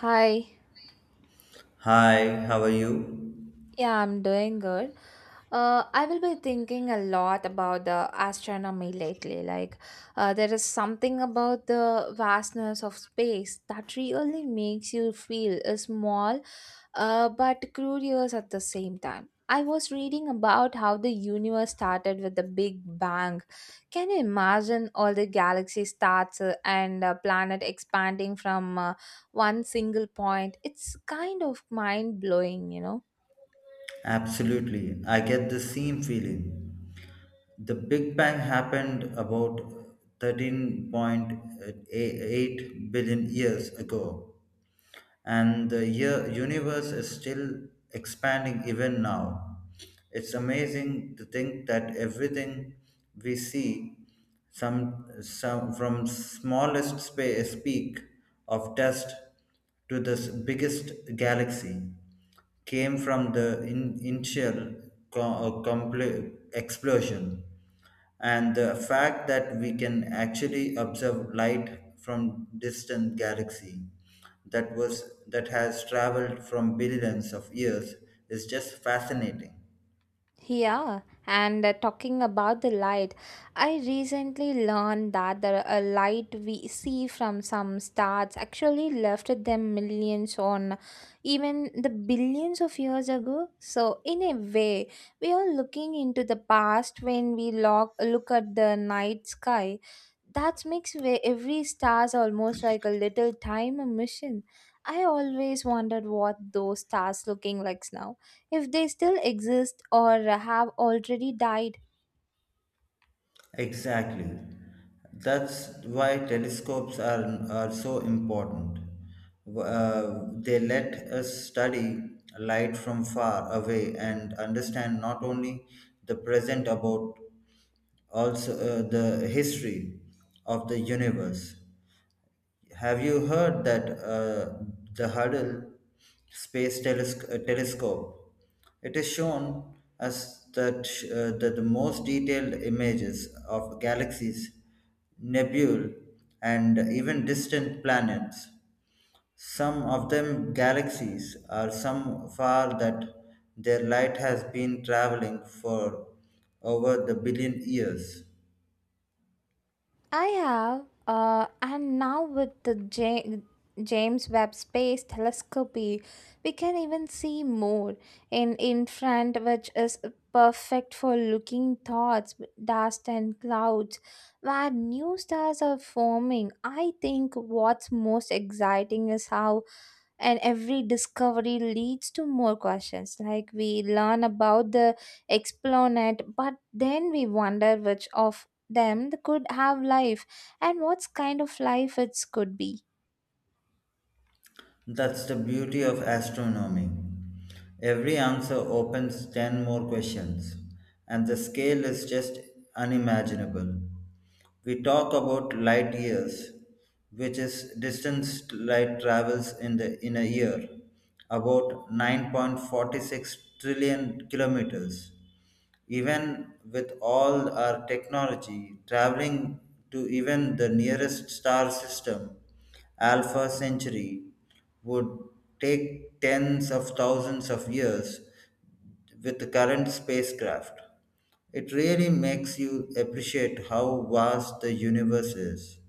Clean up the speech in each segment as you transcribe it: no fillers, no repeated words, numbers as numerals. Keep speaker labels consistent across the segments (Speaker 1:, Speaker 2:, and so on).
Speaker 1: Hi.
Speaker 2: Hi, how are you?
Speaker 1: Yeah, I'm doing good. I will be thinking a lot about the astronomy lately. Like, there is something about the vastness of space that really makes you feel small, but curious at the same time. I was reading about how the universe started with the Big Bang. Can you imagine all the galaxy stars and planet expanding from one single point? It's kind of mind blowing.
Speaker 2: Absolutely. I get the same feeling. The Big Bang happened about 13.8 billion years ago, and universe is still expanding even now. It's amazing to think that everything we see, some from smallest space peak of dust to the biggest galaxy, came from the initial co- explosion, and the fact that we can actually observe light from distant galaxy that has traveled from billions of years is just fascinating.
Speaker 1: Yeah, and talking about the light, I recently learned that the light we see from some stars actually left them millions on even the billions of years ago. So, in a way, we are looking into the past when we look at the night sky that makes every stars almost like a little time a mission. I always wondered what those stars looking like now, if they still exist or have already died.
Speaker 2: Exactly. That's why telescopes are so important. They let us study light from far away and understand not only the present about also the history of the universe. Have you heard that the Hubble Space Telescope? It is shown as that, that the most detailed images of galaxies, nebulae, and even distant planets. Some of them galaxies are some far that their light has been traveling for over the billion years.
Speaker 1: I have, and now with the James Webb Space Telescope, we can even see more in infrared, which is perfect for looking thoughts, dust, and clouds, where new stars are forming. I think what's most exciting is how and every discovery leads to more questions like we learn about the explanet, but then we wonder which of them could have life and what kind of life it could be.
Speaker 2: That's the beauty of astronomy. Every answer opens 10 more questions, and the scale is just unimaginable. We talk about light years, which is distance light travels in, in a year, about 9.46 trillion kilometers. Even with all our technology, traveling to even the nearest star system, Alpha Centauri, would take tens of thousands of years with the current spacecraft. It really makes you appreciate how vast the universe is.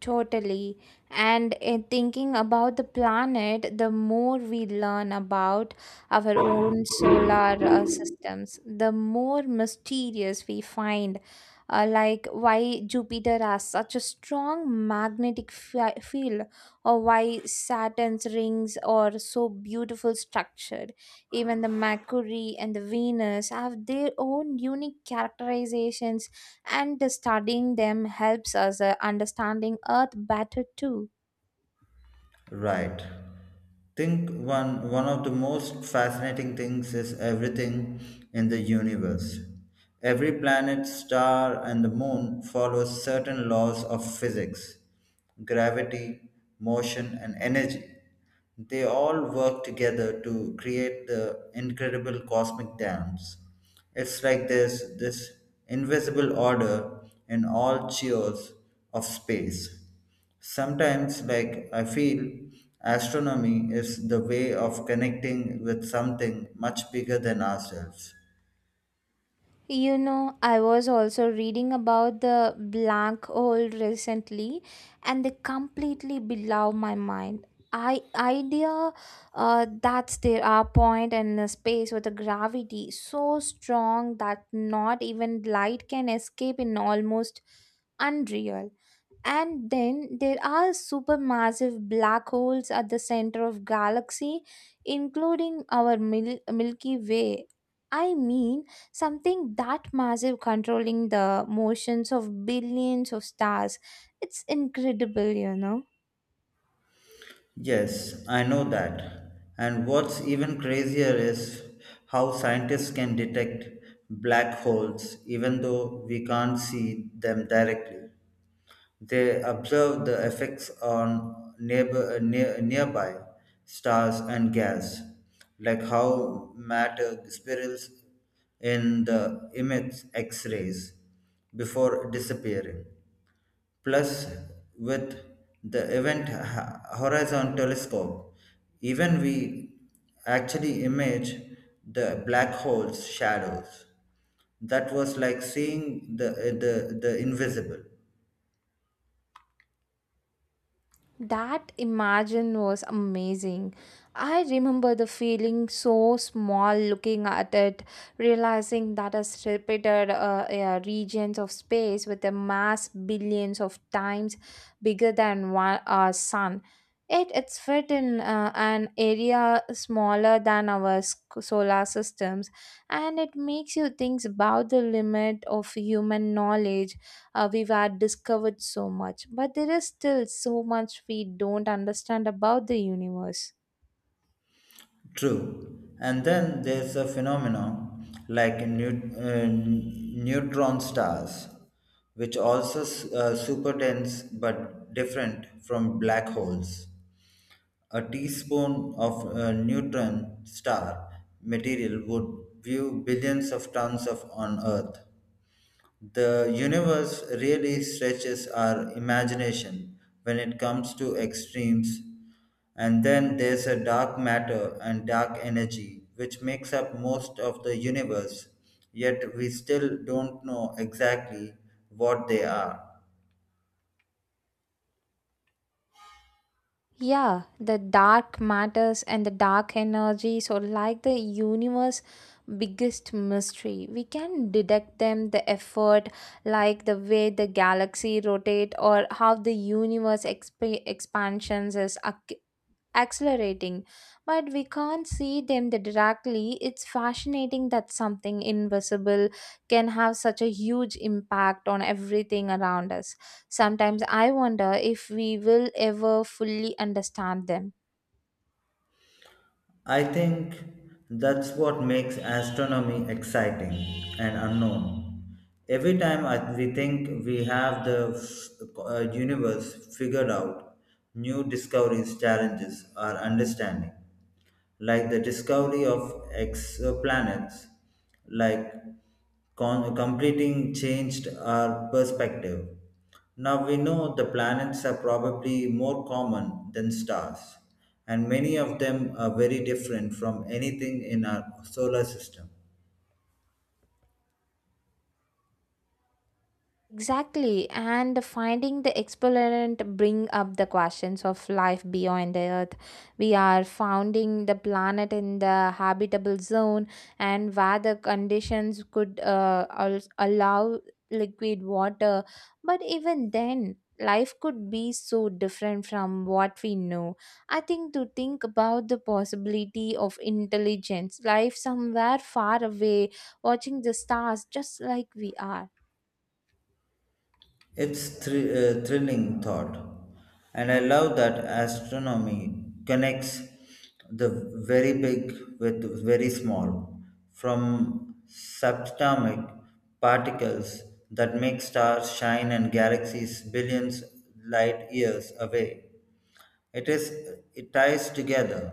Speaker 1: Totally. And in thinking about the planet, the more we learn about our own solar systems, the more mysterious we find, like why Jupiter has such a strong magnetic field, or why Saturn's rings are so beautiful structured. Even the Mercury and the Venus have their own unique characterizations, and studying them helps us understanding earth better too.
Speaker 2: Right. Think one of the most fascinating things is everything in the universe. Every planet, star, and the moon follows certain laws of physics, gravity, motion, and energy. They all work together to create the incredible cosmic dance. It's like there's this invisible order in all chaos of space. Sometimes, like, I feel astronomy is the way of connecting with something much bigger than ourselves.
Speaker 1: I was also reading about the black hole recently, and they completely below my mind. I idea That there are point in a space with a gravity so strong that not even light can escape in almost unreal. And then there are supermassive black holes at the center of galaxy, including our Milky Way. I mean, something that massive controlling the motions of billions of stars. It's incredible.
Speaker 2: Yes, I know that. And what's even crazier is how scientists can detect black holes even though we can't see them directly. They observe the effects on nearby stars and gas, like how matter spirals in the emits X rays before disappearing. Plus, with the Event Horizon Telescope, even we actually image the black hole's shadows. That was like seeing the invisible.
Speaker 1: That imagine was amazing. I remember the feeling so small looking at it, realizing that a repeated regions of space with a mass billions of times bigger than one, our sun. It's fit in an area smaller than our solar systems, and it makes you think about the limit of human knowledge. We've had discovered so much, but there is still so much we don't understand about the universe.
Speaker 2: True. And then there's a phenomenon like neutron stars, which also super dense but different from black holes. A teaspoon of neutron star material would view billions of tons of on Earth. The universe really stretches our imagination when it comes to extremes. And then there's a dark matter and dark energy, which makes up most of the universe, yet we still don't know exactly what they are.
Speaker 1: Yeah, the dark matters and the dark energies are like the universe biggest mystery. We can detect them the effort, like the way the galaxy rotate or how the universe expansions is accelerating, but we can't see them directly. It's fascinating that something invisible can have such a huge impact on everything around us. Sometimes I wonder if we will ever fully understand them.
Speaker 2: I think that's what makes astronomy exciting and unknown. Every time we think we have the universe figured out, new discoveries challenges our understanding, like the discovery of exoplanets, like completing changed our perspective. Now we know the planets are probably more common than stars, and many of them are very different from anything in our solar system.
Speaker 1: Exactly, and finding the exponent bring up the questions of life beyond the earth. We are founding the planet in the habitable zone, and where the conditions could allow liquid water. But even then, life could be so different from what we know. I think to think about the possibility of intelligence, life somewhere far away, watching the stars just like we are.
Speaker 2: It's thrilling thought, and I love that astronomy connects the very big with very small, from subatomic particles that make stars shine and galaxies billions light years away. It is it ties together.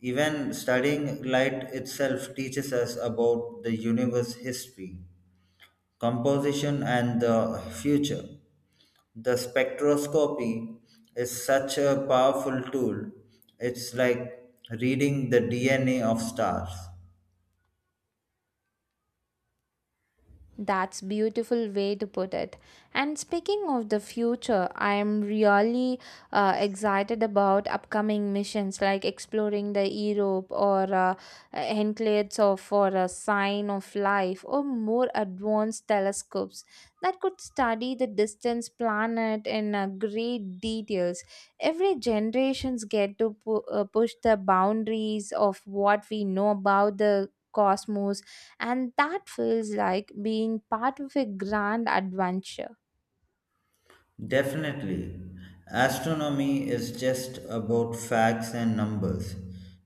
Speaker 2: Even studying light itself teaches us about the universe history, composition and the future. The spectroscopy is such a powerful tool. It's like reading the DNA of stars.
Speaker 1: That's beautiful way to put it. And speaking of the future, I am really excited about upcoming missions like exploring the Europe or enclaves of for a sign of life, or more advanced telescopes that could study the distant planet in great details. Every generations get to push the boundaries of what we know about the cosmos, and that feels like being part of a grand adventure.
Speaker 2: Definitely. Astronomy is just about facts and numbers.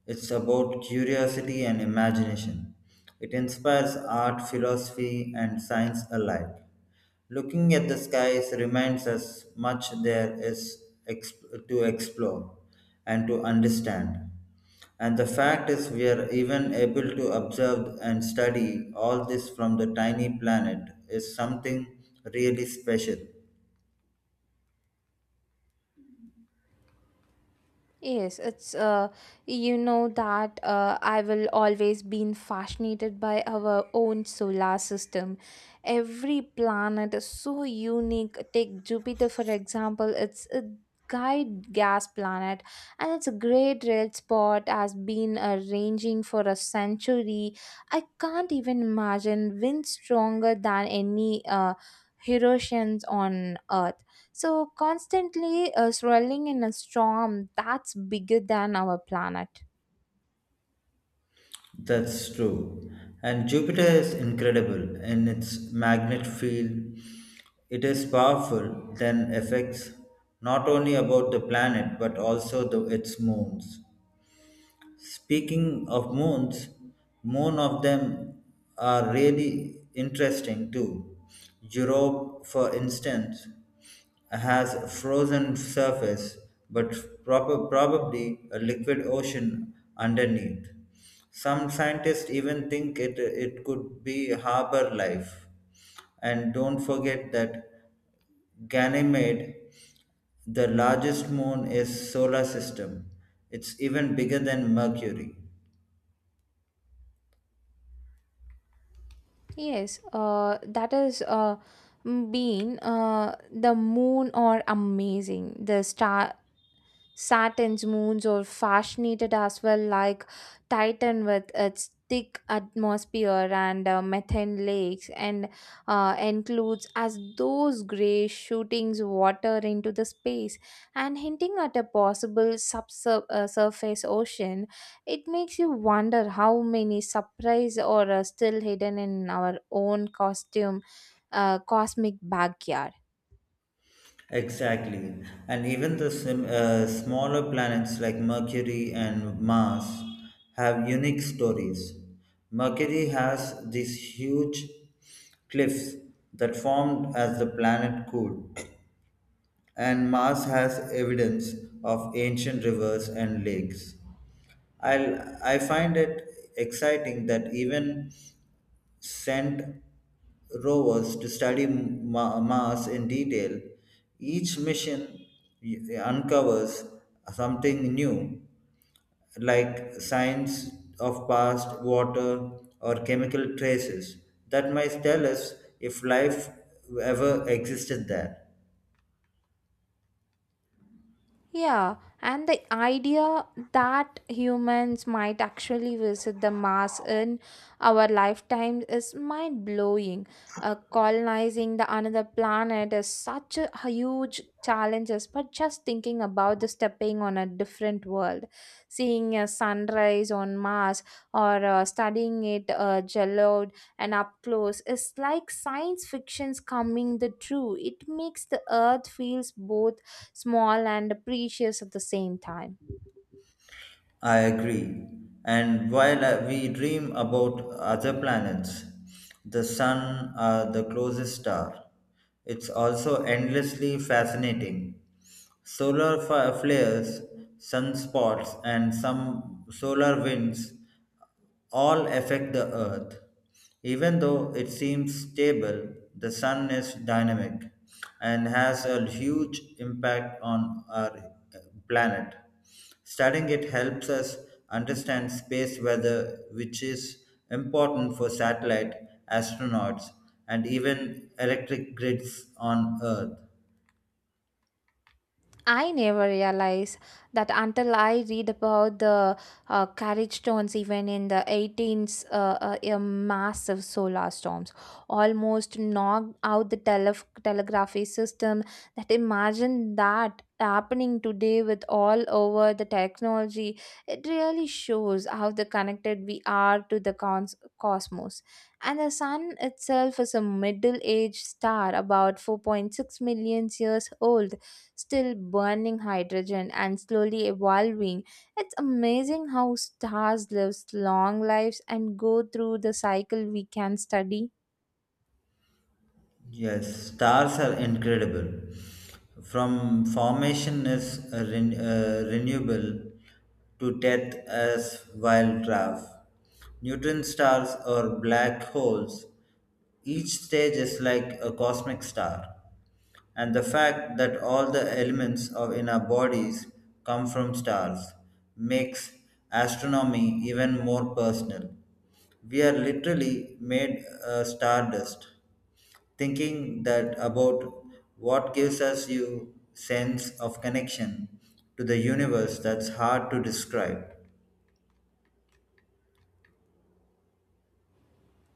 Speaker 2: It's about curiosity and imagination. It inspires art, philosophy, and science alike. Looking at the skies reminds us much there is to explore and to understand. And the fact is, we are even able to observe and study all this from the tiny planet is something really special.
Speaker 1: Yes, it's you know that I will always been fascinated by our own solar system. Every planet is so unique. Take Jupiter for example. It's a giant gas planet, and it's a great red spot has been ranging for a century. I can't even imagine wind stronger than any Hiroshima on Earth, so constantly swirling in a storm that's bigger than our planet.
Speaker 2: That's true. And Jupiter is incredible in its magnet field. It is powerful, then affects not only about the planet but also its moons. Speaking of moons, more of them are really interesting too. Europe, for instance, has a frozen surface but probably a liquid ocean underneath. Some scientists even think it could be harbor life. And don't forget that Ganymede, the largest moon, is solar system. It's even bigger than Mercury.
Speaker 1: Yes, that is m- been the moon or amazing. The star Saturn's moons or fascinated as well, like Titan with its thick atmosphere and methane lakes, and includes as those gray shootings water into the space and hinting at a possible subsurface surface ocean. It makes you wonder how many surprises are still hidden in our own costume, cosmic backyard.
Speaker 2: Exactly. And even the smaller planets like Mercury and Mars have unique stories. Mercury has these huge cliffs that formed as the planet cooled, and Mars has evidence of ancient rivers and lakes. I I find it exciting that even sent rovers to study Mars in detail. Each mission uncovers something new, like signs of past water or chemical traces that might tell us if life ever existed there.
Speaker 1: Yeah, and the idea that humans might actually visit the Mars in our lifetime is mind blowing. Colonizing the another planet is such a huge challenge, but just thinking about the stepping on a different world, seeing a sunrise on Mars, or studying it yellowed and up close, is like science fiction's coming the true. It makes the Earth feels both small and precious at the same time.
Speaker 2: I agree. And while we dream about other planets, the sun, the closest star, it's also endlessly fascinating. Solar flares, sunspots, and some solar winds all affect the Earth. Even though it seems stable, the sun is dynamic and has a huge impact on our planet. Studying it helps us understand space weather, which is important for satellite, astronauts, and even electric grids on Earth.
Speaker 1: I never realized that until I read about the carriage stones, even in the 18th, massive solar storms almost knocked out the telegraphy system. That imagine that happening today with all over the technology. It really shows how the connected we are to the cosmos. And the sun itself is a middle-aged star, about 4.6 million years old, still burning hydrogen and slowly evolving. It's amazing how stars live long lives and go through the cycle we can study.
Speaker 2: Yes, stars are incredible. From formation as a renewable to death as wild draft. Neutron stars or black holes, each stage is like a cosmic star. And the fact that all the elements of in our bodies come from stars makes astronomy even more personal. We are literally made stardust thinking that about what gives us you sense of connection to the universe that's hard to describe.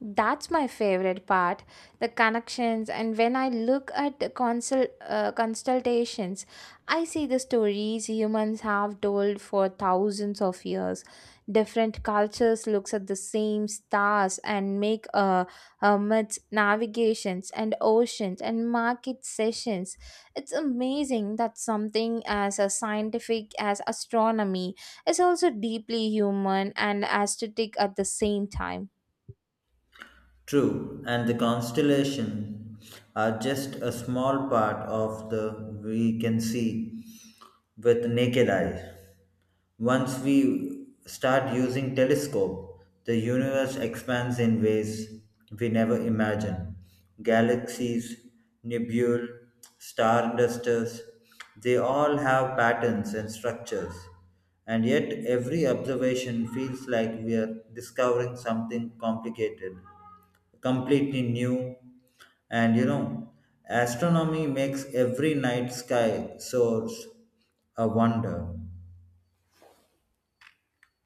Speaker 1: That's my favorite part, the connections. And when I look at the consultations, I see the stories humans have told for thousands of years. Different cultures looks at the same stars and make myths, navigations, and oceans, and market sessions. It's amazing that something as a scientific as astronomy is also deeply human and aesthetic at the same time.
Speaker 2: True, and the constellation are just a small part of the we can see with naked eye. Once we start using telescope, the universe expands in ways we never imagined. Galaxies, nebulae, star dusters, they all have patterns and structures. And yet every observation feels like we are discovering something completely new. And you know, astronomy makes every night sky source a wonder.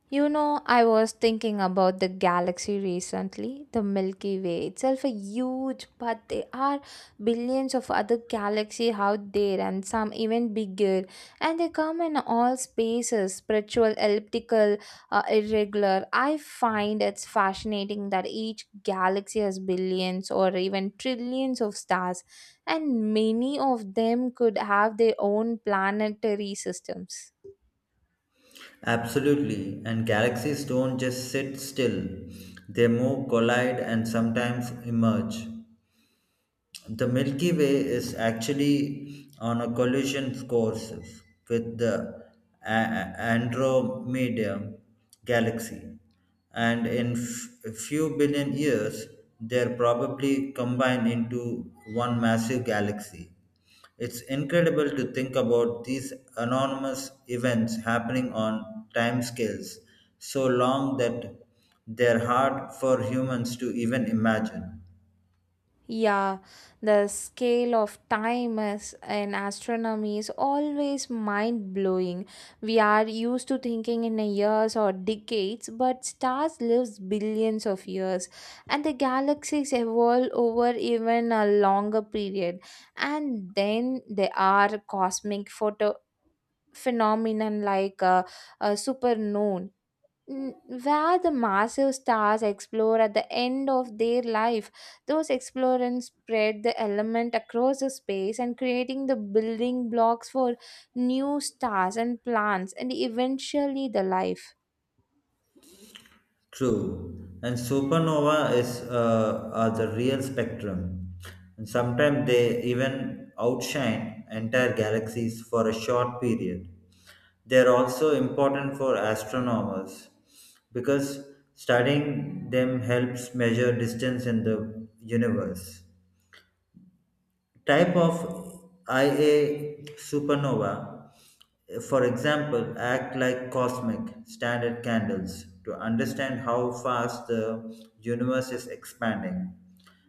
Speaker 1: I was thinking about the galaxy recently. The Milky Way itself a huge, but there are billions of other galaxies out there, and some even bigger. And they come in all spaces, spiritual, elliptical, irregular. I find it's fascinating that each galaxy has billions or even trillions of stars, and many of them could have their own planetary systems.
Speaker 2: Absolutely, and galaxies don't just sit still, they move, collide, and sometimes emerge. The Milky Way is actually on a collision course with the Andromeda galaxy, and in a few billion years, they'll probably combine into one massive galaxy. It's incredible to think about these enormous events happening on timescales so long that they're hard for humans to even imagine.
Speaker 1: Yeah, the scale of time is in astronomy is always mind blowing. We are used to thinking in a years or decades, but stars lives billions of years, and the galaxies evolve over even a longer period. And then there are cosmic photo phenomenon like supernoon where the massive stars explore at the end of their life. Those explorers spread the element across the space and creating the building blocks for new stars and plants and eventually the life.
Speaker 2: True. And supernova is are the real spectrum. And sometimes they even outshine entire galaxies for a short period. They are also important for astronomers because studying them helps measure distance in the universe. Type of Ia supernova, for example, act like cosmic standard candles to understand how fast the universe is expanding.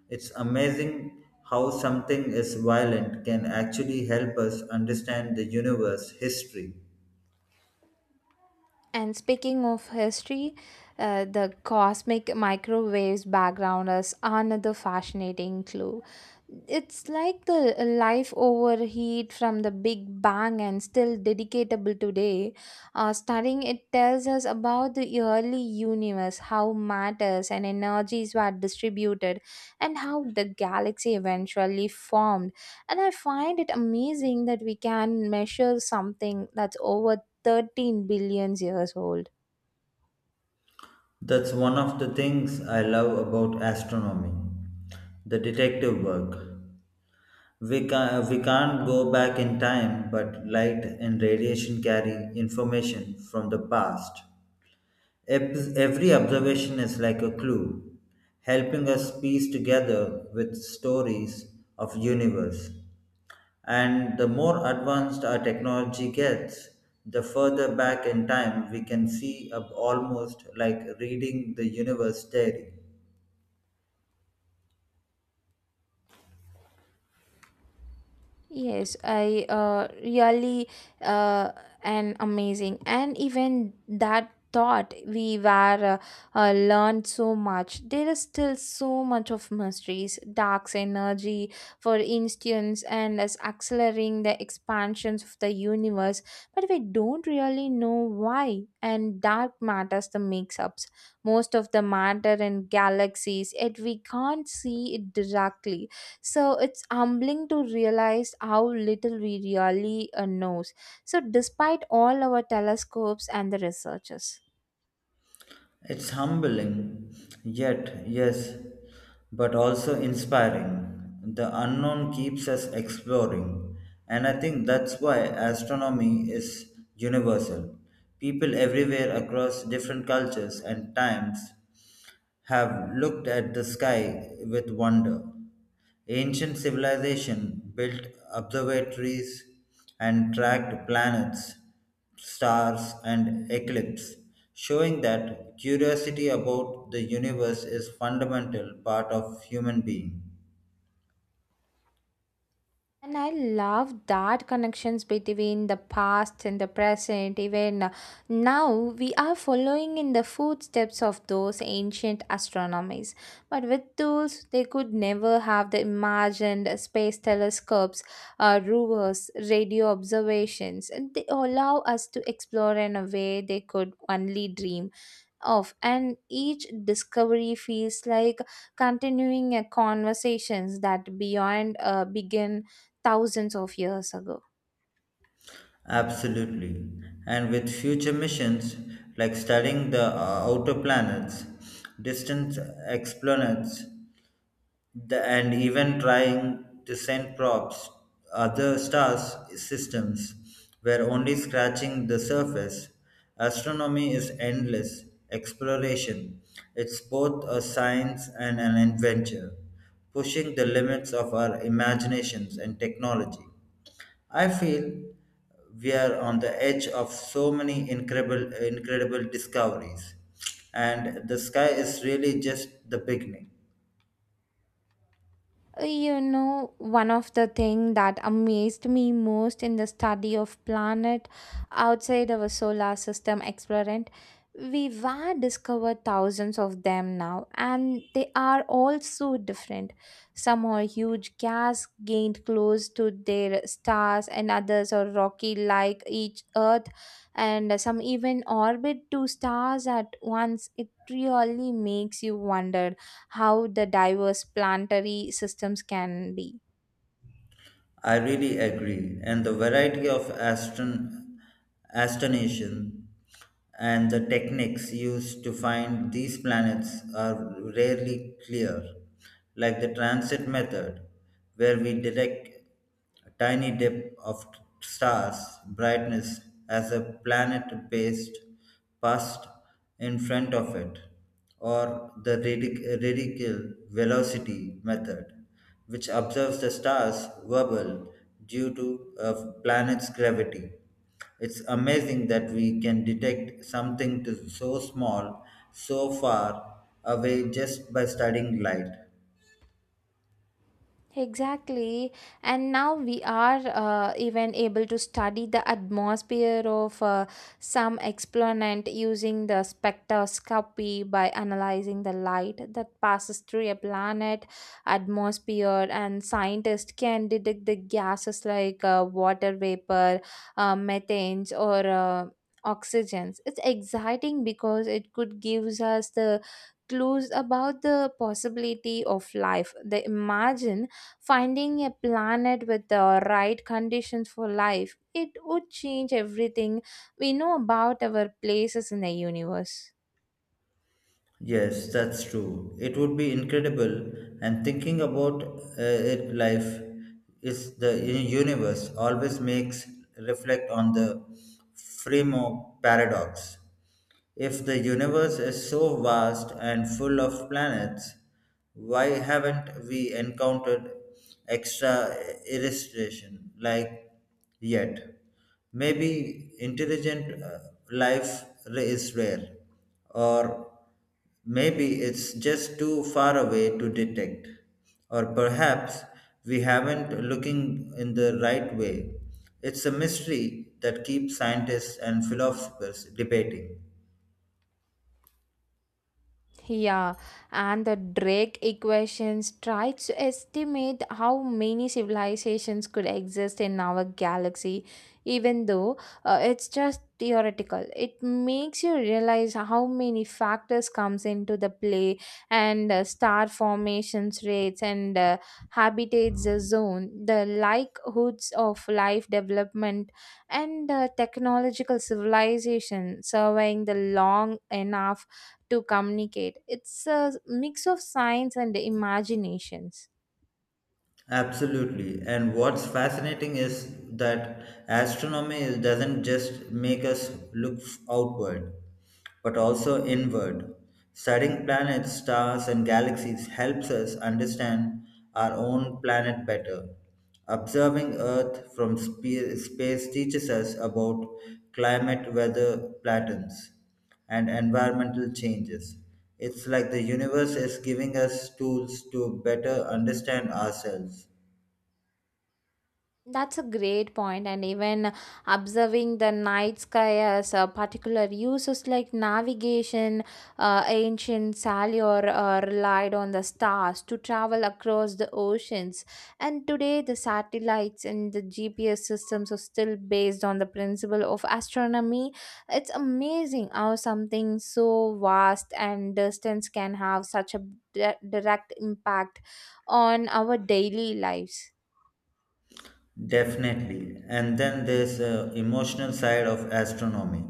Speaker 2: It's amazing how something as violent can actually help us understand the universe history.
Speaker 1: And speaking of history, the cosmic microwaves background is another fascinating clue. It's like the life overheat from the Big Bang and still dedicatable today. Studying it tells us about the early universe, how matters and energies were distributed, and how the galaxy eventually formed. And I find it amazing that we can measure something that's over 13 billion years old.
Speaker 2: That's one of the things I love about astronomy the detective work. We can't go back in time, but light and radiation carry information from the past. Every observation is like a clue, helping us piece together with stories of universe. And the more advanced our technology gets, the further back in time we can see up almost like reading the universe theory.
Speaker 1: Yes, I really uh, an amazing, and even that thought we were learned so much. There is still so much of mysteries, dark's energy, for instance, and as accelerating the expansions of the universe, but we don't really know why. And dark matters the makes-ups. Most of the matter in galaxies, yet we can't see it directly, so it's humbling to realize how little we really knows, so despite all our telescopes and the researchers.
Speaker 2: It's humbling, yet, yes, but also inspiring. The unknown keeps us exploring, and I think that's why astronomy is universal. People everywhere across different cultures and times have looked at the sky with wonder. Ancient civilization built observatories and tracked planets, stars, and eclipses, showing that curiosity about the universe is fundamental part of human being.
Speaker 1: And I love that connections between the past and the present. Even now, we are following in the footsteps of those ancient astronomers. But with tools, they could never have the imagined space telescopes, rovers, radio observations. And they allow us to explore in a way they could only dream off, and each discovery feels like continuing a conversations that beyond began thousands of years ago.
Speaker 2: Absolutely. And with future missions like studying the outer planets, distant exoplanets, and even trying to send probes other stars systems were only scratching the surface. Astronomy is endless exploration. It's both a science and an adventure, pushing the limits of our imaginations and technology. I feel we are on the edge of so many incredible discoveries, and the sky is really just the beginning.
Speaker 1: One of the thing that amazed me most in the study of planet outside our solar system experiment, we were discovered thousands of them now, and they are all so different. Some are huge gas gained close to their stars, and others are rocky like each Earth, and some even orbit two stars at once. It really makes you wonder how the diverse planetary systems can be.
Speaker 2: I really agree, and the variety of astonation and the techniques used to find these planets are rarely clear, like the transit method, where we direct. A tiny dip of stars' brightness as a planet passed, past in front of it, or the radical velocity method, which observes the stars wobble due to a planet's gravity. It's amazing that we can detect something to so small, so far away just by studying light.
Speaker 1: Exactly. And now we are even able to study the atmosphere of some exponent using the spectroscopy by analyzing the light that passes through a planet atmosphere. And scientists can detect the gases like water vapor, methanes, or oxygens. It's exciting because it could gives us the clues about the possibility of life. They imagine. Finding a planet with the right conditions for life, it would change everything we know about our places in the universe.
Speaker 2: Yes, that's true. It would be incredible, and thinking about life is the universe always makes reflect on the Fremo paradox. If the universe is so vast and full of planets, why haven't we encountered extra illustration like yet? Maybe intelligent life is rare, or maybe it's just too far away to detect, or perhaps we haven't looking in the right way. It's a mystery that keeps scientists and philosophers debating.
Speaker 1: Yeah, and the Drake equations try to estimate how many civilizations could exist in our galaxy, even though it's just theoretical. It makes you realize how many factors comes into the play, and star formations rates, and habitats the zone, the likelihoods of life development, and technological civilization surveying the long enough to communicate. It's a mix of science and imaginations.
Speaker 2: Absolutely. And what's fascinating is that astronomy is- doesn't just make us look outward, but also inward. Studying planets, stars, and galaxies helps us understand our own planet better. Observing Earth from space teaches us about climate, weather patterns, and environmental changes. It's like the universe is giving us tools to better understand ourselves.
Speaker 1: That's a great point, and even observing the night sky as a particular uses like navigation, ancient sailor relied on the stars to travel across the oceans, and today the satellites and the GPS systems are still based on the principle of astronomy. It's amazing how something so vast and distance can have such a direct impact on our daily lives.
Speaker 2: Definitely. And then there's the emotional side of astronomy.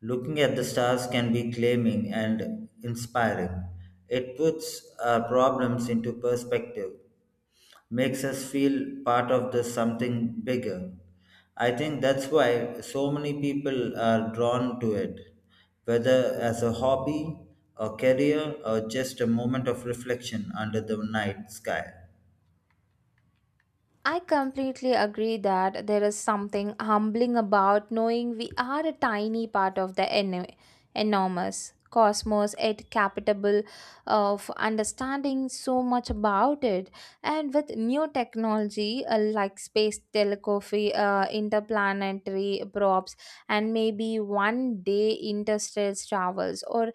Speaker 2: Looking at the stars can be claiming and inspiring. It puts our problems into perspective, makes us feel part of the something bigger. I think that's why so many people are drawn to it, whether as a hobby, a career, or just a moment of reflection under the night sky.
Speaker 1: I completely agree that there is something humbling about knowing we are a tiny part of the enormous cosmos, yet capable of understanding so much about it. And with new technology like space telegraphy, interplanetary probes, and maybe one day interstellar travels or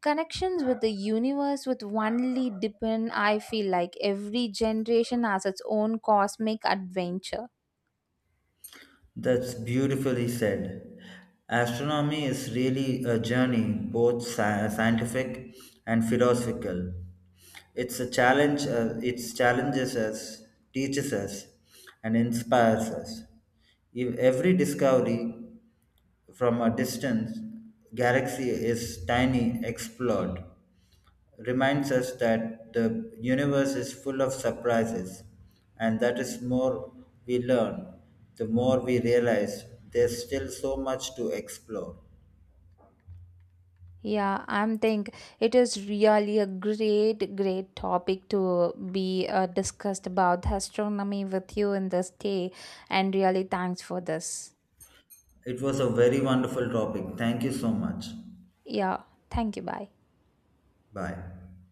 Speaker 1: connections with the universe with only depend. I feel like every generation has its own cosmic adventure.
Speaker 2: That's beautifully said. Astronomy is really a journey, both scientific and philosophical. It's a challenge, it challenges us, teaches us, and inspires us. If every discovery from a distant galaxy is tiny, explored reminds us that the universe is full of surprises, and that is more we learn, the more we realize there's still so much to explore.
Speaker 1: Yeah, I'm think it is really a great topic to be discussed about astronomy with you in this day, and really thanks for this.
Speaker 2: It was a very wonderful topic. Thank you so much.
Speaker 1: Yeah, thank you. Bye.
Speaker 2: Bye.